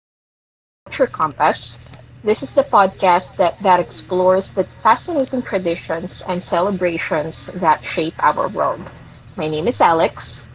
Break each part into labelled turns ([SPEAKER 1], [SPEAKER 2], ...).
[SPEAKER 1] Welcome back to Culture Compass. This is the podcast that explores the fascinating traditions and celebrations that shape our world. My name is Alex.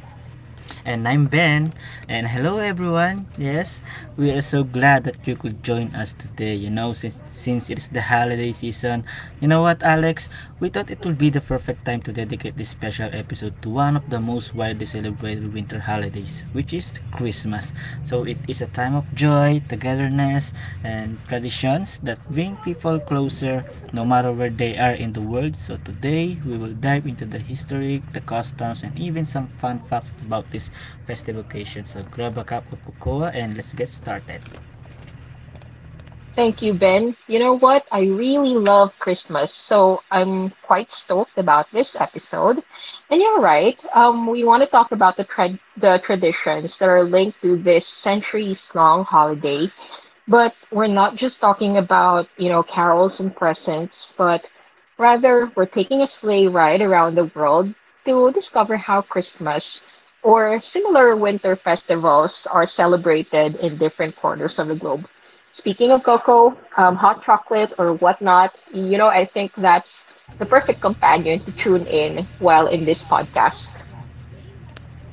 [SPEAKER 2] And I'm Ben. And hello, everyone. Yes, we are so glad that you could join us today. You know, since it's the holiday season, you know what, Alex? We thought it would be the perfect time to dedicate this special episode to one of the most widely celebrated winter holidays, which is Christmas. So it is a time of joy, togetherness, and traditions that bring people closer no matter where they are in the world. So today, we will dive into the history, the customs, and even some fun facts about this festive occasion. So grab a cup of cocoa and let's get started.
[SPEAKER 1] Thank you, Ben. You know what? I really love Christmas, so I'm quite stoked about this episode. And you're right. We want to talk about the traditions that are linked to this centuries-long holiday. But we're not just talking about, you know, carols and presents, but rather we're taking a sleigh ride around the world to discover how Christmas or similar winter festivals are celebrated in different corners of the globe. Speaking of cocoa, hot chocolate, or whatnot, you know, I think that's the perfect companion to tune in while in this podcast.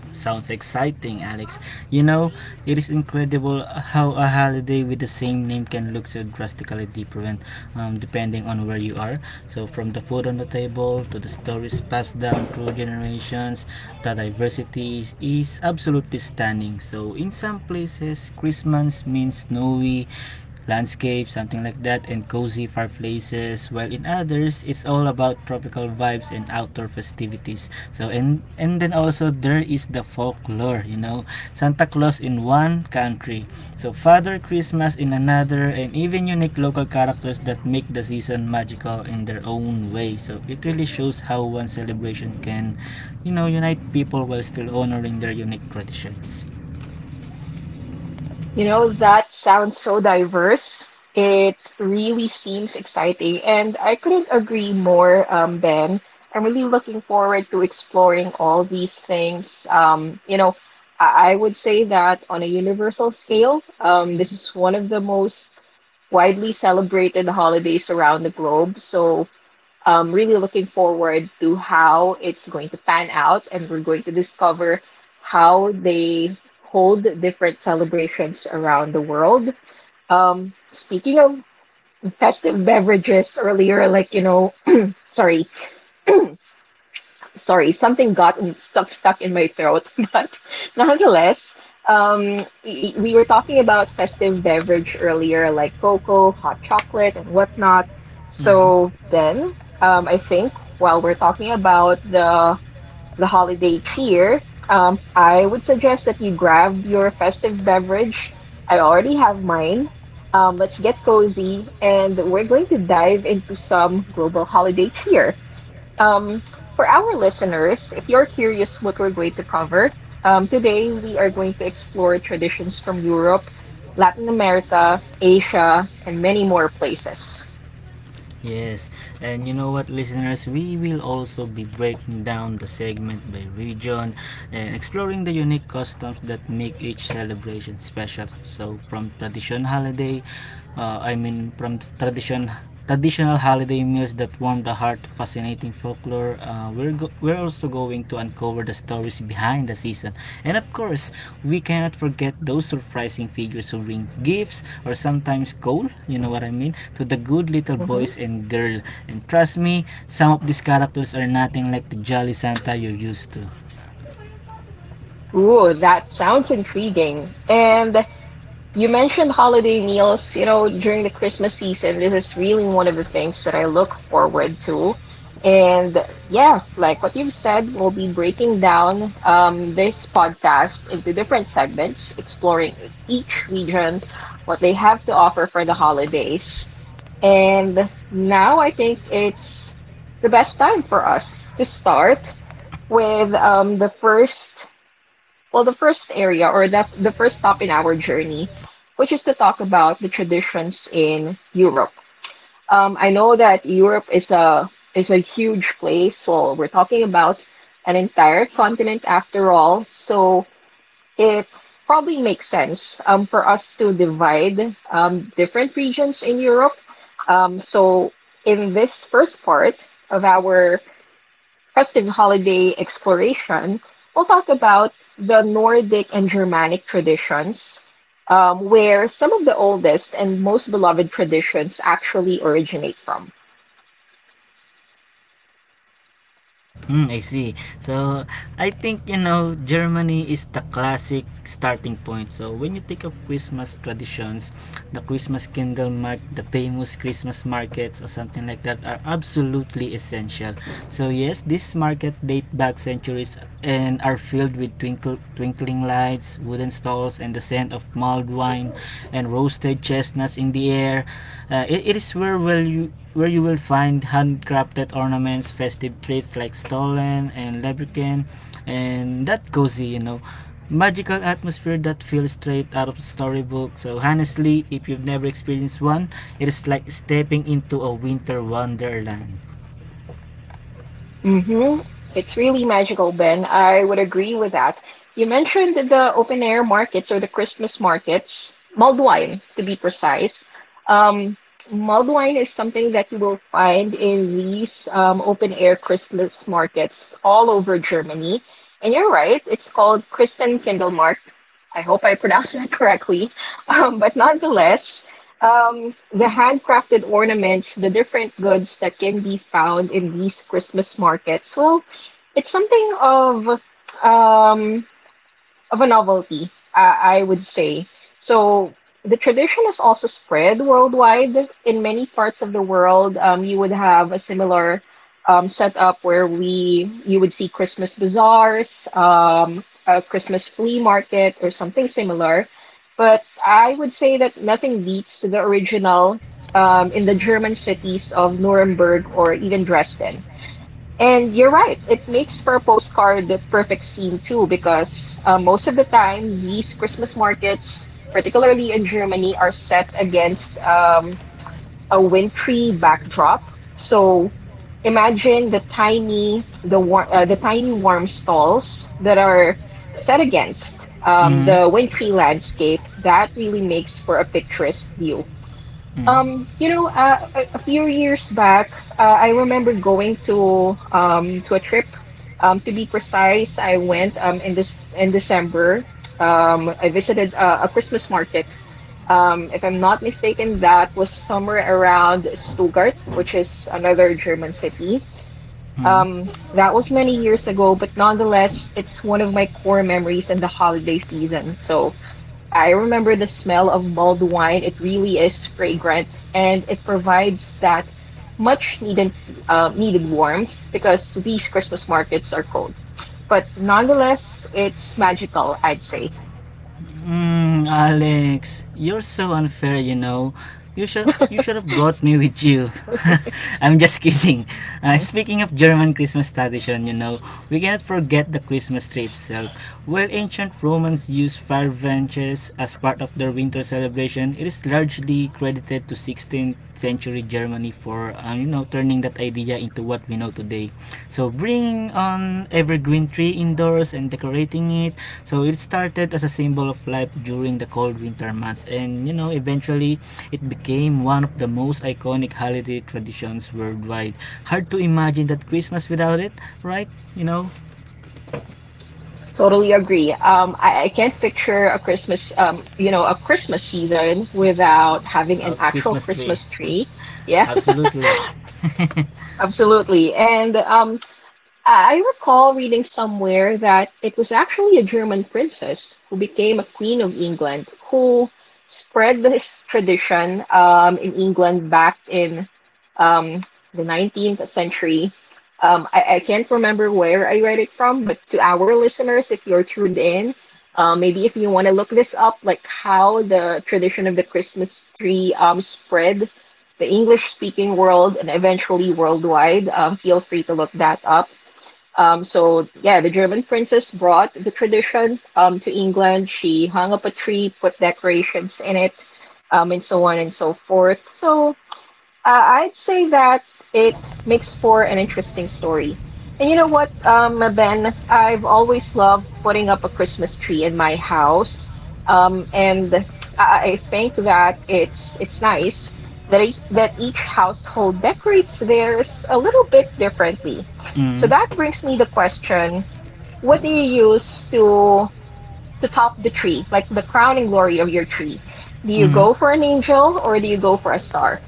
[SPEAKER 2] Sounds exciting, Alex. You know, it is incredible how a holiday with the same name can look so drastically different depending on where you are. So, from the food on the table to the stories passed down through generations, the diversity is absolutely stunning. So, in some places, Christmas means snowy landscape, something like that, and cozy fireplaces, while in others, it's all about tropical vibes and outdoor festivities. So, and then also there is the folklore, you know, Santa Claus in one country, so Father Christmas in another, and even unique local characters that make the season magical in their own way. So, it really shows how one celebration can, you know, unite people while still honoring their unique traditions.
[SPEAKER 1] You know, that sounds so diverse. It really seems exciting, and I couldn't agree more, Ben. I'm really looking forward to exploring all these things. I would say that on a universal scale, this is one of the most widely celebrated holidays around the globe. So, really looking forward to how it's going to pan out, and we're going to discover how they hold different celebrations around the world. Speaking of festive beverages earlier, like, you know, sorry sorry, something got stuff stuck in my throat. But nonetheless, um, we were talking about festive beverage earlier, like cocoa, hot chocolate, and whatnot. So then, I think while we're talking about the holiday cheer, I would suggest that you grab your festive beverage. I already have mine. Let's get cozy, and we're going to dive into some global holiday cheer. Um, for our listeners, if you're curious what we're going to cover, today we are going to explore traditions from Europe, Latin America, Asia, and many more places.
[SPEAKER 2] Yes, and you know what, listeners, we will also be breaking down the segment by region and exploring the unique customs that make each celebration special. So, from tradition holiday, I mean, from tradition traditional holiday meals that warm the heart, to fascinating food folklore, we're also going to uncover the stories behind the season. And of course, we cannot forget those surprising figures who bring gifts or sometimes coal, you know what I mean, to the good little
[SPEAKER 1] Mhm.
[SPEAKER 2] boys and girl. And trust me, some of these characters are nothing like the jolly Santa you're used to.
[SPEAKER 1] Ooh, that sounds intriguing. And you mentioned holiday meals, you know, during the Christmas season. This is really one of the things that I look forward to. And yeah, like what you've said, we'll be breaking down this podcast into different segments, exploring each region, what they have to offer for the holidays. And now I think it's the best time for us to start with the first, well, the first area or the first stop in our journey, which is to talk about the traditions in Europe. I know that Europe is a huge place. Well, we're talking about an entire continent after all, so it probably makes sense for us to divide different regions in Europe. So in this first part of our festive holiday exploration, we'll talk about the Nordic and Germanic traditions, where some of the oldest and most beloved traditions actually originate from.
[SPEAKER 2] Mm, I see. So, I think, you know, Germany is the classic starting point. So, when you think of Christmas traditions, the Christmas candle mark, the famous Christmas markets or something like that are absolutely essential. So, yes, this market date back centuries and are filled with twinkling lights, wooden stalls, and the scent of malt mulled wine and roasted chestnuts in the air. It is where you will find handcrafted ornaments, festive treats like stollen and leprechaun, and that cozy, you know, magical atmosphere that feels straight out of a storybook. So honestly, if you've never experienced one, it is like stepping into a winter wonderland.
[SPEAKER 1] Mm-hmm. It's really magical, Ben. I would agree with that. You mentioned the open air markets or the Christmas markets, mulled wine to be precise. Um, Mulled wine is something that you will find in these open air Christmas markets all over Germany. And you're right, it's called Christen Kindlemarkt. I hope I pronounced that correctly. But nonetheless, the handcrafted ornaments, the different goods that can be found in these Christmas markets. Well, it's something um, of a novelty, I would say. So the tradition is also spread worldwide. In many parts of the world, you would have a similar setup where we you would see Christmas bazaars, a Christmas flea market, or something similar. But I would say that nothing beats the original in the German cities of Nuremberg or even Dresden. And you're right, it makes for a postcard the perfect scene too, because most of the time these Christmas markets, particularly in Germany, are set against a wintry backdrop. So imagine the tiny warm stalls that are set against
[SPEAKER 2] Mm-hmm.
[SPEAKER 1] the wintry landscape. That really makes for a picturesque view.
[SPEAKER 2] Mm-hmm.
[SPEAKER 1] A a few years back, I remember going to a trip. To be precise, I went in December. I visited a Christmas market. If I'm not mistaken, that was somewhere around Stuttgart, which is another German city.
[SPEAKER 2] Mm-hmm.
[SPEAKER 1] That was many years ago, but nonetheless, it's one of my core memories in the holiday season. So, I remember the smell of mulled wine. It really is fragrant, and it provides that much needed warmth because these Christmas markets are cold. But nonetheless, it's magical, I'd say.
[SPEAKER 2] Mm, Alex, you're so unfair, you know. You should have brought me with you. I'm just kidding. Speaking of German Christmas tradition, you know, we cannot forget the Christmas tree itself. While ancient Romans used fire branches as part of their winter celebration, it is largely credited to 16th century Germany for you know, turning that idea into what we know today. So bringing on evergreen tree indoors and decorating it. So it started as a symbol of life during the cold winter months, and you know, eventually it became one of the most iconic holiday traditions worldwide. Hard to imagine that Christmas without it, right? You know,
[SPEAKER 1] Totally agree. I can't picture a Christmas, you know, a Christmas season
[SPEAKER 2] 'cause-
[SPEAKER 1] without having an actual
[SPEAKER 2] Christmas tree.
[SPEAKER 1] Christmas tree. Yeah,
[SPEAKER 2] Absolutely.
[SPEAKER 1] absolutely. And I recall reading somewhere that it was actually a German princess who became a queen of England who spread this tradition in England back in um, the 19th century. I can't remember where I read it from, but to our listeners, if you're tuned in, maybe if you want to look this up, like how the tradition of the Christmas tree spread the English-speaking world and eventually worldwide, feel free to look that up. So yeah, the German princess brought the tradition to England. She hung up a tree, put decorations in it, and so on and so forth. So uh, I'd say that it makes for an interesting story. And you know what, Ben, I've always loved putting up a Christmas tree in my house. And I think that it's nice that e that each household decorates theirs a little bit differently. So
[SPEAKER 2] Mm.
[SPEAKER 1] that brings me the question, what do you use to top the tree, like the crowning glory of your tree? Do you
[SPEAKER 2] Mm.
[SPEAKER 1] go for an angel or do you go for a star?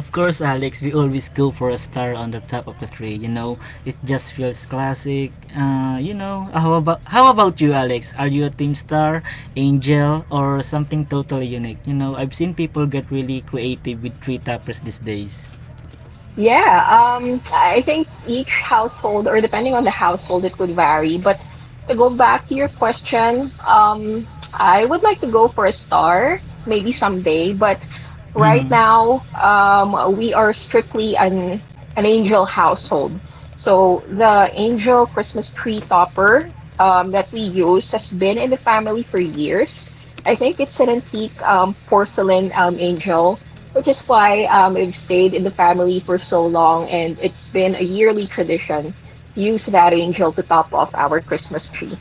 [SPEAKER 2] Of course, Alex, we always go for a star on the top of the tree. You know, it just feels classic. You know, how about you, Alex? Are you a team star, angel, or something totally unique? You know, I've seen people get really creative with tree toppers these days.
[SPEAKER 1] Yeah, I think each household, or depending on the household, it would vary. But to go back to your question, I would like to go for a star, maybe someday. But right now, we are strictly an angel household. So the angel Christmas tree topper, that we use has been in the family for years. I think it's an antique, porcelain, angel, which is why we have stayed in the family for so long, and it's been a yearly tradition to use that angel to top off our Christmas tree.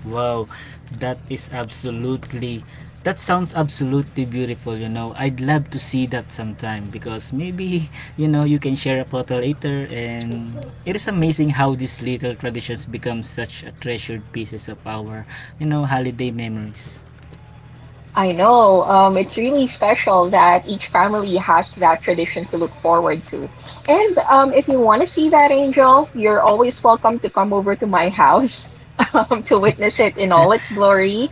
[SPEAKER 2] Wow, that is absolutely that sounds absolutely beautiful, you know. I'd love to see that sometime because maybe, you know, you can share a photo later, and it is amazing how these little traditions become such a treasured pieces of our, you know, holiday memories.
[SPEAKER 1] I know, it's really special that each family has that tradition to look forward to. And if you want to see that angel, you're always welcome to come over to my house to witness it in all its glory.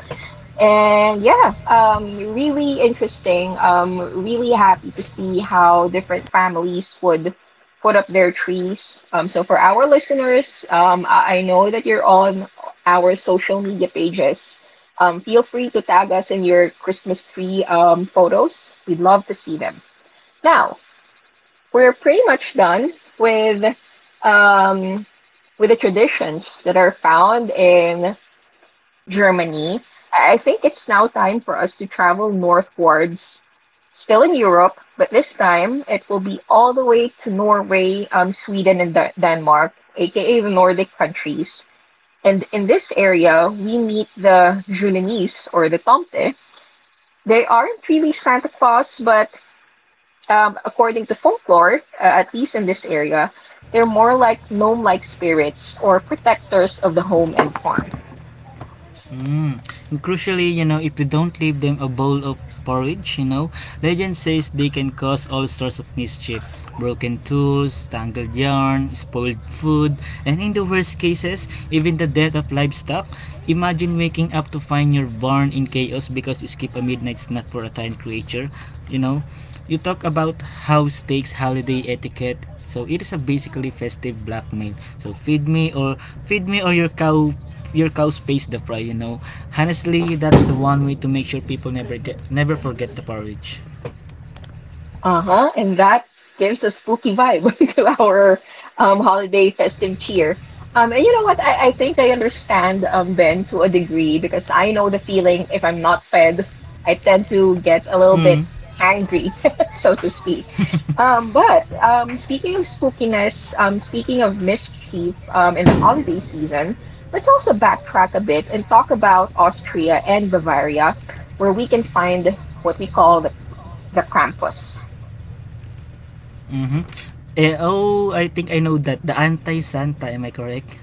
[SPEAKER 1] And yeah, really interesting. Really happy to see how different families would put up their trees. So for our listeners, I know that you're on our social media pages. Feel free to tag us in your Christmas tree photos. We'd love to see them. Now, we're pretty much done with um, with the traditions that are found in Germany. I think it's now time for us to travel northwards. Still in Europe, but this time it will be all the way to Norway, Sweden, and Denmark, aka the Nordic countries. And in this area, we meet the Julenis or the Tomte. They aren't really Santa Claus, but according to folklore, at least in this area, they're more like gnome like spirits or protectors of the home and farm.
[SPEAKER 2] Mm. And crucially, you know, if you don't leave them a bowl of porridge, you know, legend says they can cause all sorts of mischief. Broken tools, tangled yarn, spoiled food, and in the worst cases, even the death of livestock. Imagine waking up to find your barn in chaos because you skipped a midnight snack for a tiny creature, you know. You talk about how steaks holiday etiquette, so it is a basically festive blackmail. So feed me or your cow pays the price, you know. Honestly, that's the one way to make sure people never forget the porridge.
[SPEAKER 1] Uh-huh. And that gives a spooky vibe to our holiday festive cheer. And you know what? I think I understand, Ben, to a degree because I know the feeling if I'm not fed, I tend to get a little
[SPEAKER 2] Mm.
[SPEAKER 1] bit hangry, so to speak. But speaking of spookiness, speaking of mischief in the holiday season, let's also backtrack a bit and talk about Austria and Bavaria, where we can find what we call the Krampus.
[SPEAKER 2] Mm. Oh, I think I know that, the anti santa am I correct?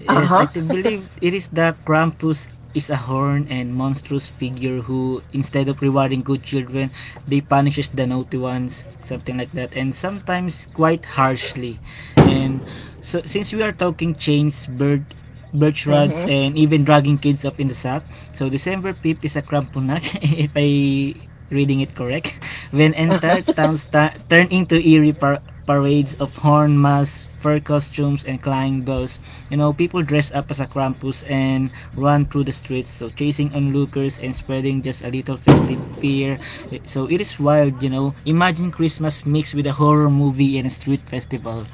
[SPEAKER 2] Yes,
[SPEAKER 1] Uh-huh.
[SPEAKER 2] I believe it is, the Krampus is a horn and monstrous figure who, instead of rewarding good children, they punishes the naughty ones, something like that, and sometimes quite harshly. And so, since we are talking chains, birch rods,
[SPEAKER 1] Hmm.
[SPEAKER 2] and even dragging kids off in the sack. So December 5 is a Krampunach, if I reading it correct, when
[SPEAKER 1] Uh-huh.
[SPEAKER 2] entire towns turn into eerie parades of horn masks, fur costumes, and clang bells. You know, people dress up as a Krampus and run through the streets, so chasing onlookers and spreading just a little festive fear. So it is wild, you know. Imagine Christmas mixed with a horror movie and a street festival.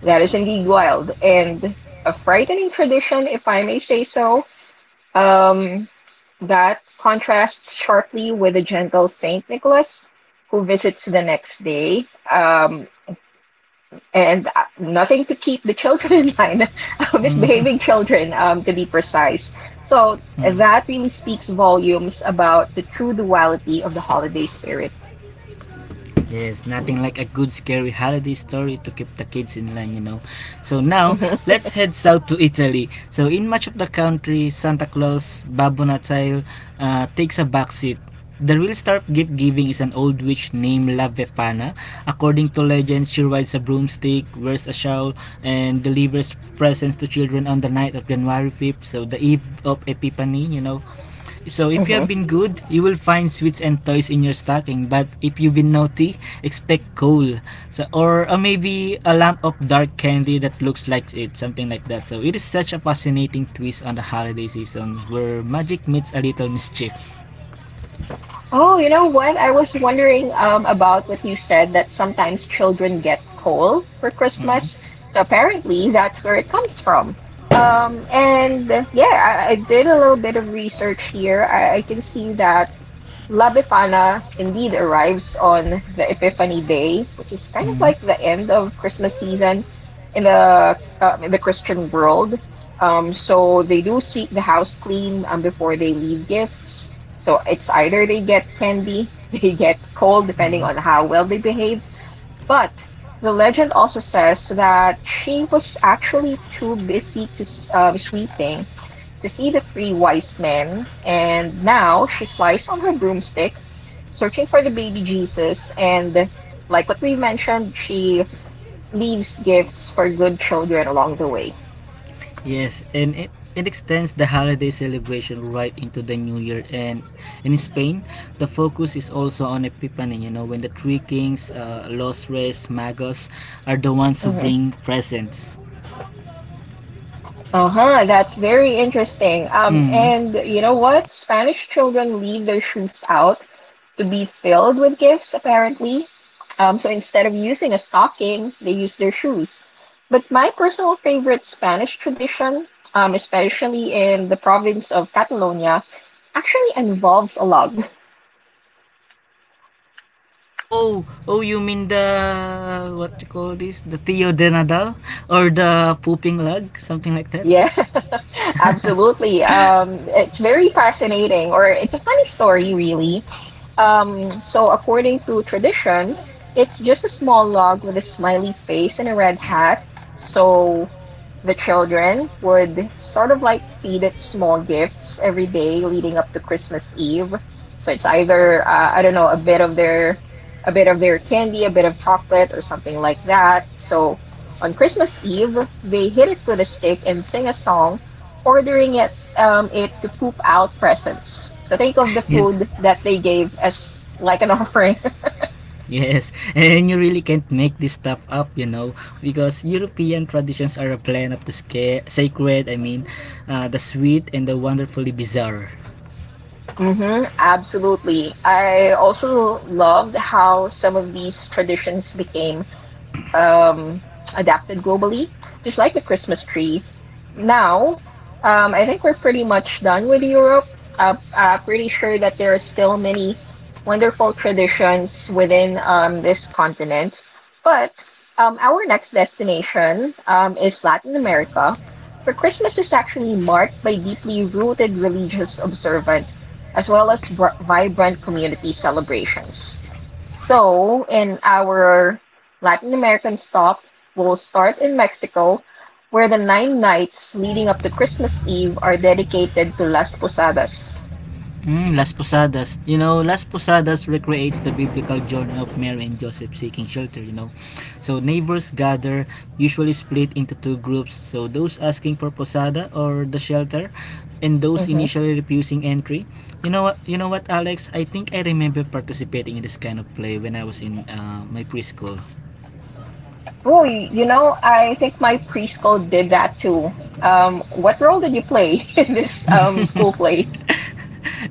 [SPEAKER 1] That is indeed wild and a frightening tradition, if I may say so. Um, that contrasts sharply with the gentle Saint Nicholas, who visits the next day. And Nothing to keep the children in line, misbehaving children, to be precise. So that really speaks volumes about the true duality of the holiday spirit.
[SPEAKER 2] Yes, nothing like a good scary holiday story to keep the kids in line, you know. So now,
[SPEAKER 1] Hmm.
[SPEAKER 2] let's head south to Italy. So in much of the country, Santa Claus, Babbo Natale, takes a backseat. The real star of gift giving is an old witch named La Vefana. According to legend, she rides a broomstick, wears a shawl, and delivers presents to children on the night of January fifth, so the eve of Epiphany, you know. So if you have been good, you will find sweets and toys in your stocking. But if you've been naughty, expect coal. So or maybe a lump of dark candy that looks like it, something like that. So it is such a fascinating twist on the holiday season where magic meets a little mischief.
[SPEAKER 1] Oh, you know what? I was wondering about what you said that sometimes children get coal for
[SPEAKER 2] Mm-hmm.
[SPEAKER 1] Christmas. So apparently that's where it comes from. And Yeah, I did a little bit of research here. I can see that. Labefana indeed arrives on the Epiphany Day, which is kind of
[SPEAKER 2] Mm-hmm.
[SPEAKER 1] like the end of Christmas season in the Christian world. So they do sweep the house clean before they leave gifts. So it's either they get candy, they get coal, depending
[SPEAKER 2] Mm-hmm.
[SPEAKER 1] on how well they behave. But the legend also says that she was actually too busy to sweeping to see the three wise men, and now she flies on her broomstick, searching for the baby Jesus. And like what we mentioned, she leaves gifts for good children along the way.
[SPEAKER 2] Yes, and it extends the holiday celebration right into the new year. And and, in Spain, the focus is also on Epiphany, you know, when the three kings, Los Reyes, Magos, are the ones who
[SPEAKER 1] Mhm.
[SPEAKER 2] bring presents.
[SPEAKER 1] Uh-huh, that's very interesting. Um,
[SPEAKER 2] Mm.
[SPEAKER 1] and you know what? Spanish children leave their shoes out to be filled with gifts, apparently. So instead of using a stocking, they use their shoes. But my personal favorite Spanish tradition, especially in the province of Catalonia, actually involves a log.
[SPEAKER 2] Oh, oh, you mean the, what you call this, the Tio de Nadal? Or the pooping lug? Something like that?
[SPEAKER 1] Yeah, absolutely. It's very fascinating, or it's a funny story, really. So, according to tradition, it's just a small log with a smiley face and a red hat. So, the children would sort of like feed it small gifts every day leading up to Christmas Eve. So, it's either, I don't know, A bit of their candy, a bit of chocolate, or something like that. So, on Christmas Eve, they hit it with a stick and sing a song, ordering it to poop out presents. So think of the
[SPEAKER 2] You.
[SPEAKER 1] food that they gave as like an offering.
[SPEAKER 2] Yes, and you really can't make this stuff up, you know, because European traditions are a blend of the sacred, I mean, the sweet and the wonderfully bizarre.
[SPEAKER 1] hmm absolutely. I also loved how some of these traditions became um, adapted globally, just like the Christmas tree. Now, I think we're pretty much done with Europe. Pretty sure that there are still many wonderful traditions within this continent. But our next destination is Latin America, where Christmas is actually marked by deeply rooted religious observance as well as vibrant community celebrations. So, in our Latin American Stop will start in Mexico, where the nine nights leading up to Christmas Eve are dedicated to Las Posadas.
[SPEAKER 2] Mm, Las Posadas. You know, Las Posadas recreates the biblical journey of Mary and Joseph seeking shelter, you know. So neighbors gather, usually split into two groups. So those asking for posada or the shelter and those
[SPEAKER 1] Hmm
[SPEAKER 2] initially refusing entry. You know what, Alex, I think I remember participating in this kind of play when I was in my preschool.
[SPEAKER 1] Oh, you know, I think my preschool did that too. What role did you play in this school play?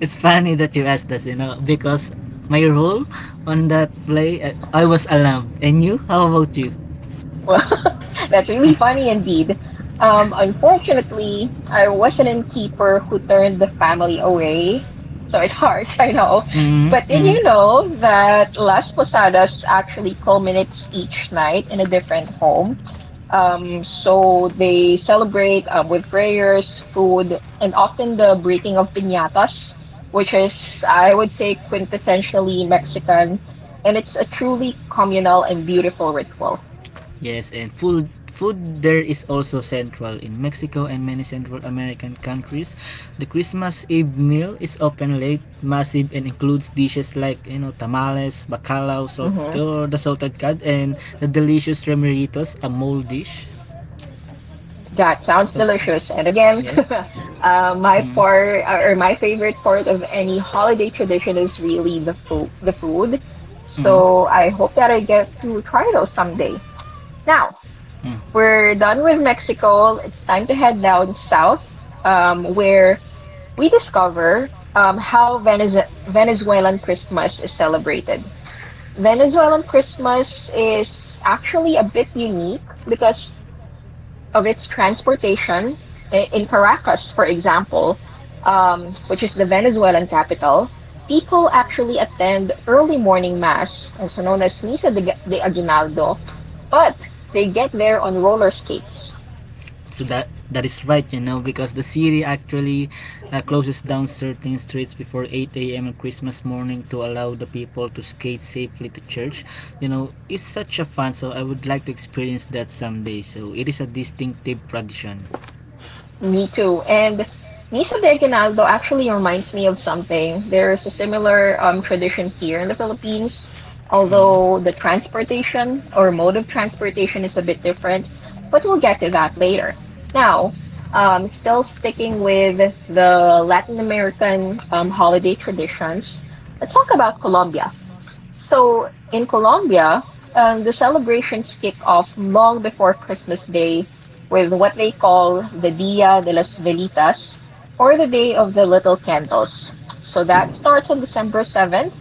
[SPEAKER 2] It's funny that you asked us, you know, because my role on that play, I was alarmed. And you? How about you?
[SPEAKER 1] Well, that's really funny indeed. Unfortunately, I was an innkeeper who turned the family away. So it's hard, I know.
[SPEAKER 2] Mm,
[SPEAKER 1] But did
[SPEAKER 2] mm.
[SPEAKER 1] you know that Las Posadas actually culminates each night in a different home? So they celebrate with prayers, food, and often the breaking of piñatas, which is, I would say, quintessentially Mexican. And it's a truly communal and beautiful ritual.
[SPEAKER 2] Yes, and food food there is also central in Mexico and many Central American countries. The Christmas Eve meal is often late, massive, and includes dishes like, you know, tamales, bacalao, salt
[SPEAKER 1] Hmm
[SPEAKER 2] or the salted cod, and the delicious remeritos, a mole dish.
[SPEAKER 1] That sounds
[SPEAKER 2] Some,
[SPEAKER 1] delicious. And again,
[SPEAKER 2] yes.
[SPEAKER 1] my
[SPEAKER 2] Mm,
[SPEAKER 1] part or my favorite part of any holiday tradition is really the food, the food.
[SPEAKER 2] mm,
[SPEAKER 1] So I hope that I get to try those someday. Now,
[SPEAKER 2] mm.
[SPEAKER 1] we're done with Mexico. It's time to head down south, where we discover how Venezuelan Christmas is celebrated. Venezuelan Christmas is actually a bit unique because of its transportation. In Caracas, for example, which is the Venezuelan capital, people actually attend early morning mass, also known as Misa de Aguinaldo, but they get there on roller skates.
[SPEAKER 2] So that is right, you know, because the city actually closes down certain streets before 8 a.m. on Christmas morning to allow the people to skate safely to church. You know, it's such a fun, so I would like to experience that someday, so it is a distinctive tradition.
[SPEAKER 1] Me too. And Misa de Aguinaldo actually reminds me of something. There is a similar tradition here in the Philippines,
[SPEAKER 2] Mm.
[SPEAKER 1] although the transportation or mode of transportation is a bit different, but we'll get to that later. Now, still sticking with the Latin American holiday traditions, let's talk about Colombia. So in Colombia, the celebrations kick off long before Christmas Day with what they call the Dia de las Velitas, or the Day of the Little Candles. So that starts on December 7th,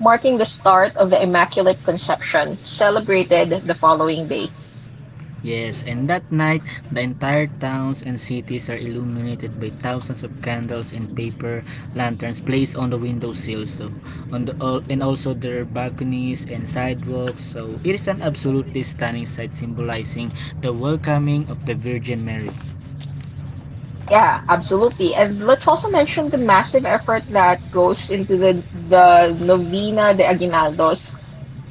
[SPEAKER 1] marking the start of the Immaculate Conception, celebrated the following day.
[SPEAKER 2] Yes, and that night, the entire towns and cities are illuminated by thousands of candles and paper lanterns placed on the windowsills, so and also their balconies and sidewalks. So it is an absolutely stunning sight symbolizing the welcoming of the Virgin Mary.
[SPEAKER 1] Yeah, absolutely. And let's also mention the massive effort that goes into the novena de aguinaldos,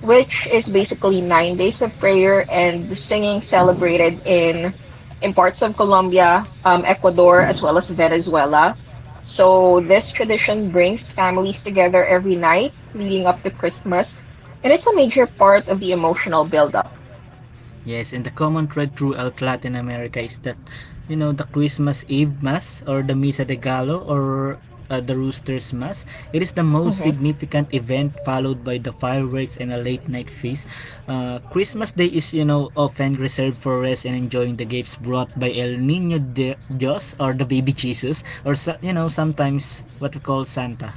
[SPEAKER 1] which is basically 9 days of prayer and singing celebrated in parts of Colombia, Ecuador, as well as Venezuela. So this tradition brings families together every night leading up to Christmas, and it's a major part of the emotional buildup.
[SPEAKER 2] Yes, and the common thread throughout Latin America is that, you know, the Christmas Eve Mass or the Misa de Gallo or the Rooster's Mass, it is the most
[SPEAKER 1] Mm-hmm.
[SPEAKER 2] significant event followed by the fireworks and a late night feast. Christmas Day is, you know, often reserved for rest and enjoying the gifts brought by El Niño Dios or the baby Jesus or, so, you know, sometimes what we call Santa.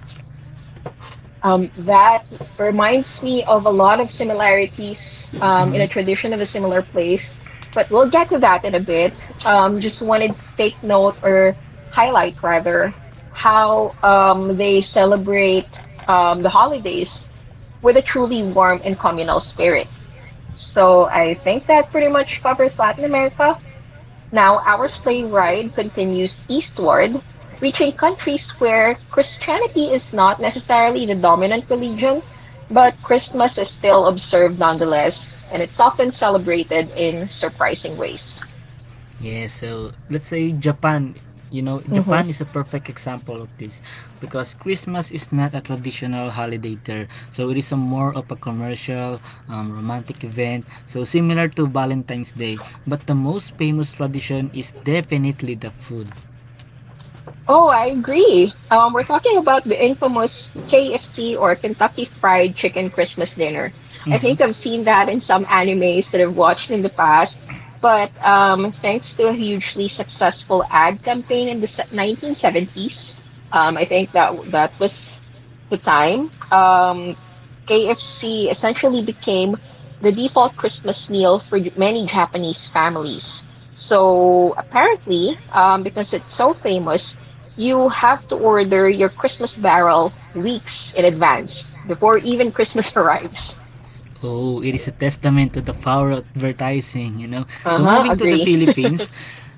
[SPEAKER 1] That reminds me of a lot of similarities in a
[SPEAKER 2] Mhm.
[SPEAKER 1] tradition of a similar place, but we'll get to that in a bit. Just wanted to take note or highlight rather how they celebrate the holidays with a truly warm and communal spirit. So I think that pretty much covers Latin America. Now our sleigh ride continues eastward, reaching countries where Christianity is not necessarily the dominant religion, but Christmas is still observed nonetheless, and it's often celebrated in surprising ways.
[SPEAKER 2] Yeah, so let's say Japan. You know,
[SPEAKER 1] Mm-hmm.
[SPEAKER 2] Japan is a perfect example of this because Christmas is not a traditional holiday there. So it is a more of a commercial, romantic event. So similar to Valentine's Day, but the most famous tradition is definitely the food.
[SPEAKER 1] Oh, I agree. We're talking about the infamous KFC or Kentucky Fried Chicken Christmas dinner. I
[SPEAKER 2] Mhm.
[SPEAKER 1] think I've seen that in some animes that I've watched in the past, but thanks to a hugely successful ad campaign in the 1970s, I think that that was the time. KFC essentially became the default Christmas meal for many Japanese families. So apparently, because it's so famous, you have to order your Christmas barrel weeks in advance before even Christmas arrives.
[SPEAKER 2] Oh, it is a testament to the power of advertising, you know. So
[SPEAKER 1] Uh-huh,
[SPEAKER 2] moving to the
[SPEAKER 1] agree.
[SPEAKER 2] Philippines,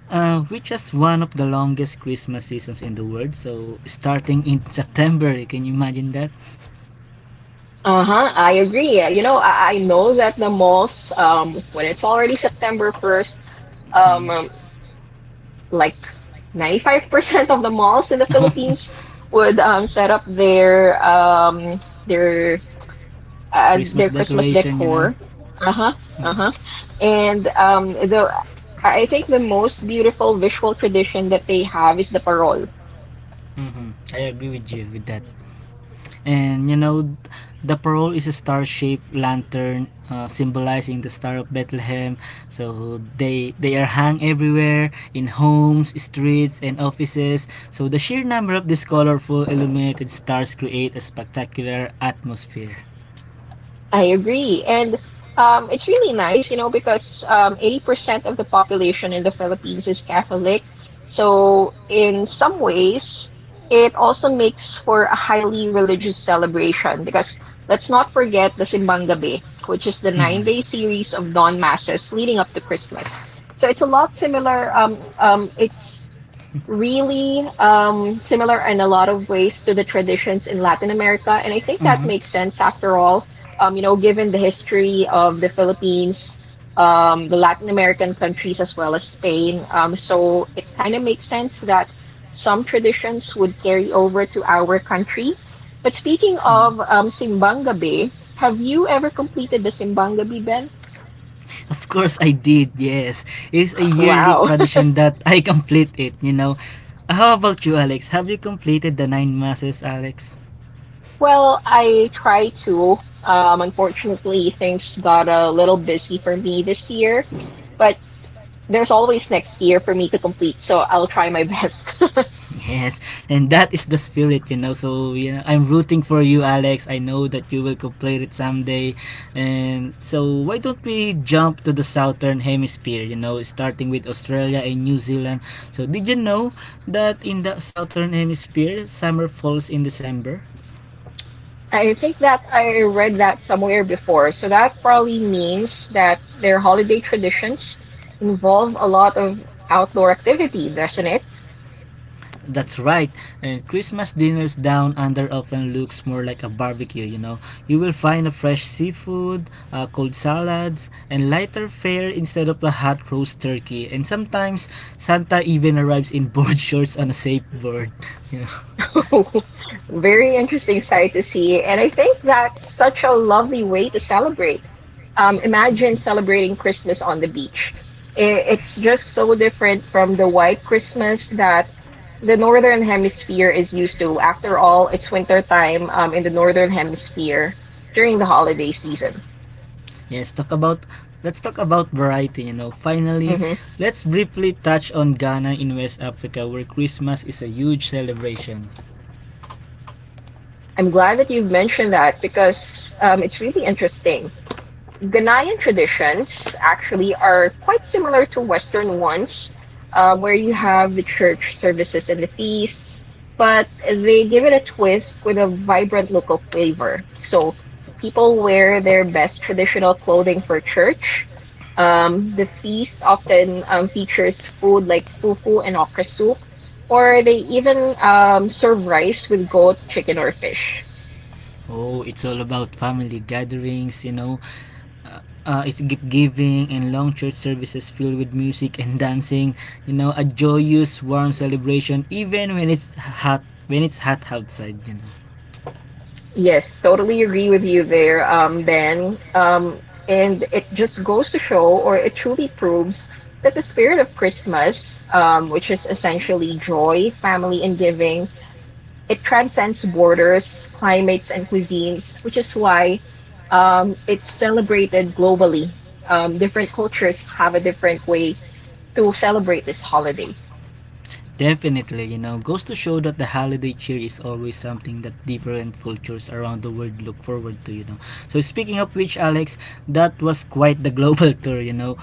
[SPEAKER 2] which is one of the longest Christmas seasons in the world. So starting in September, can you imagine that?
[SPEAKER 1] Uh-huh, I agree. You know, I know that the malls, when it's already September 1st, um,
[SPEAKER 2] Mm.
[SPEAKER 1] um, like 95% of the malls in the Philippines would set up their their
[SPEAKER 2] Christmas
[SPEAKER 1] their Christmas
[SPEAKER 2] decoration, you know.
[SPEAKER 1] decor. Uh-huh, uh-huh.
[SPEAKER 2] Mm.
[SPEAKER 1] And the I think the most beautiful visual tradition that they have is the parol.
[SPEAKER 2] Mhm. I agree with you with that. And you know, the parole is a star-shaped lantern symbolizing the Star of Bethlehem. So they are hung everywhere in homes, streets, and offices. So the sheer number of these colorful illuminated stars create a spectacular atmosphere.
[SPEAKER 1] I agree. And it's really nice, you know, because 80% of the population in the Philippines is Catholic. So, in some ways, it also makes for a highly religious celebration because let's not forget the Simbang Gabi, which is the nine
[SPEAKER 2] Mhm.
[SPEAKER 1] day series of non masses leading up to Christmas. So, it's a lot similar. It's really similar in a lot of ways to the traditions in Latin America. And I think that
[SPEAKER 2] Mhm.
[SPEAKER 1] makes sense after all, you know, given the history of the Philippines, the Latin American countries, as well as Spain. So it kind of makes sense that some traditions would carry over to our country. But speaking
[SPEAKER 2] Mm.
[SPEAKER 1] of Simbang Gabi, have you ever completed the Simbang Gabi, Ben?
[SPEAKER 2] Of course I did, yes. It's a yearly
[SPEAKER 1] Wow.
[SPEAKER 2] tradition that I complete it, you know. How about you, Alex? Have you completed the nine masses, Alex?
[SPEAKER 1] Well, I try to. Unfortunately, things got a little busy for me this year, but there's always next year for me to complete, so I'll try my best.
[SPEAKER 2] Yes, and that is the spirit, you know. So yeah, I'm rooting for you, Alex. I know that you will complete it someday. And so why don't we jump to the southern hemisphere? You know, starting with Australia and New Zealand. So did you know that in the southern hemisphere, summer falls in December?
[SPEAKER 1] I think that I read that somewhere before, so that probably means that their holiday traditions involve a lot of outdoor activity, doesn't it?
[SPEAKER 2] That's right. And Christmas dinners down under often looks more like a barbecue, you know. You will find a fresh seafood, cold salads, and lighter fare instead of a hot roast turkey. And sometimes Santa even arrives in board shorts on a surfboard, you know.
[SPEAKER 1] Very interesting sight to see. And I think that's such a lovely way to celebrate. Imagine celebrating Christmas on the beach. It's just so different from the white Christmas that the Northern Hemisphere is used to. After all, it's winter time in the Northern Hemisphere during the holiday season.
[SPEAKER 2] Yes, talk about let's talk about variety, you know. Finally,
[SPEAKER 1] Hmm
[SPEAKER 2] let's briefly touch on Ghana in West Africa where Christmas is a huge celebration.
[SPEAKER 1] I'm glad that you've mentioned that because it's really interesting. Ghanaian traditions actually are quite similar to Western ones, where you have the church services and the feasts, but they give it a twist with a vibrant local flavor. So people wear their best traditional clothing for church. The feast often features food like fufu and okra soup, or they even serve rice with goat, chicken, or fish.
[SPEAKER 2] Oh, it's all about family gatherings, you know, uh, it's gift giving and long church services filled with music and dancing. You know, a joyous, warm celebration, even When it's hot outside, you know.
[SPEAKER 1] Yes, totally agree with you there, Ben. And it just goes to show, or it truly proves, that the spirit of Christmas, which is essentially joy, family, and giving, it transcends borders, climates, and cuisines, which is why it's celebrated globally. Different cultures have a different way to celebrate this holiday.
[SPEAKER 2] Definitely, you know, goes to show that the holiday cheer is always something that different cultures around the world look forward to, you know. So speaking of which, Alex, that was quite the global tour, you know.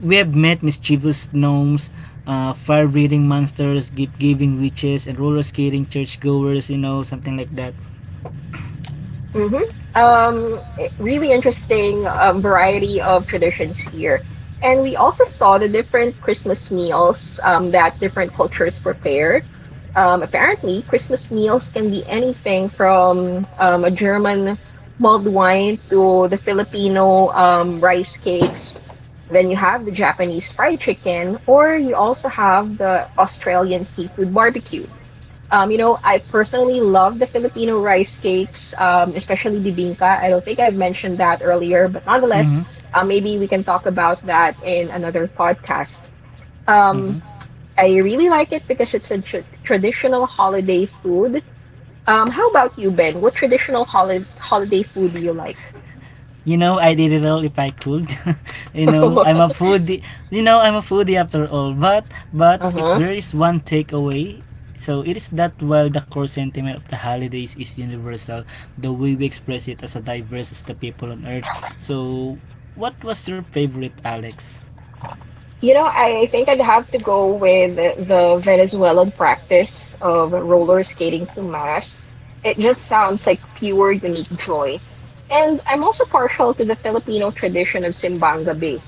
[SPEAKER 2] We have met mischievous gnomes, fire-breathing monsters, gift-giving witches, and roller skating churchgoers, you know, something like that.
[SPEAKER 1] Hmm Um, really interesting variety of traditions here. And we also saw the different Christmas meals that different cultures prepare. Apparently, Christmas meals can be anything from a German mulled wine to the Filipino rice
[SPEAKER 2] Wine.
[SPEAKER 1] cakes. Then you have the Japanese fried chicken, or you also have the Australian seafood barbecue. You know, I personally love the Filipino rice cakes, especially bibingka. I don't think I've mentioned that earlier, but nonetheless, maybe we can talk about that in another podcast. Um, I really like it because it's a traditional holiday food. How about you, Ben? What traditional holiday food do you like?
[SPEAKER 2] You know, I did it all if I could. You know,
[SPEAKER 1] uh-huh.
[SPEAKER 2] I'm a foodie. You know, I'm a foodie after all. But if there is one takeaway, so it is that while the core sentiment of the holidays is universal, the way we express it as a diverse as the people on earth. So, what was your favorite, Alex?
[SPEAKER 1] You know, I think I'd have to go with the Venezuelan practice of roller skating to mass. It just sounds like pure, unique joy. And I'm also partial to the Filipino tradition of simbang Gabi.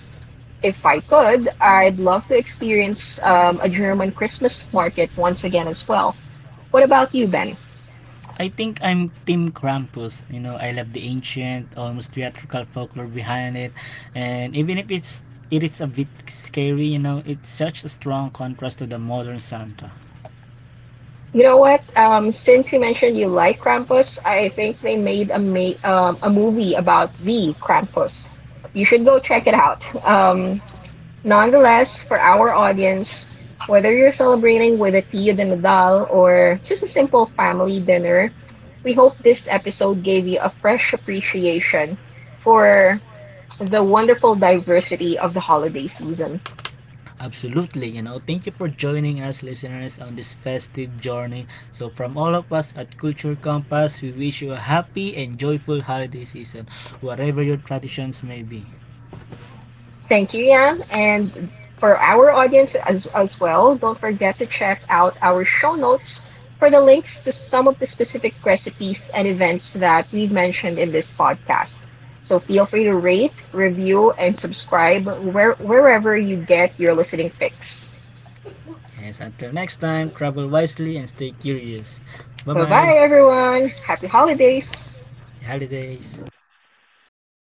[SPEAKER 1] If I could, I'd love to experience a German Christmas market once again as well. What about you, Ben?
[SPEAKER 2] I think I'm Team Krampus. You know, I love the ancient, almost theatrical folklore behind it, and even if it's it is a bit scary, you know, it's such a strong contrast to the modern Santa.
[SPEAKER 1] You know what? Since you mentioned you like Krampus, I think they made a movie about the Krampus. You should go check it out. Nonetheless, for our audience, whether you're celebrating with a Tio de Nadal or just a simple family dinner, we hope this episode gave you a fresh appreciation for the wonderful diversity of the holiday season.
[SPEAKER 2] Absolutely, you know. Thank you for joining us, listeners, on this festive journey. So, from all of us at Culture Compass, we wish you a happy and joyful holiday season, whatever your traditions may be.
[SPEAKER 1] Thank you, Yan. And for our audience as well, don't forget to check out our show notes for the links to some of the specific recipes and events that we've mentioned in this podcast. So feel free to rate, review, and subscribe wherever you get your listening fix.
[SPEAKER 2] Yes, until next time, travel wisely and stay curious. Bye
[SPEAKER 1] Bye
[SPEAKER 2] bye.
[SPEAKER 1] bye, everyone. Happy holidays.
[SPEAKER 2] Holidays.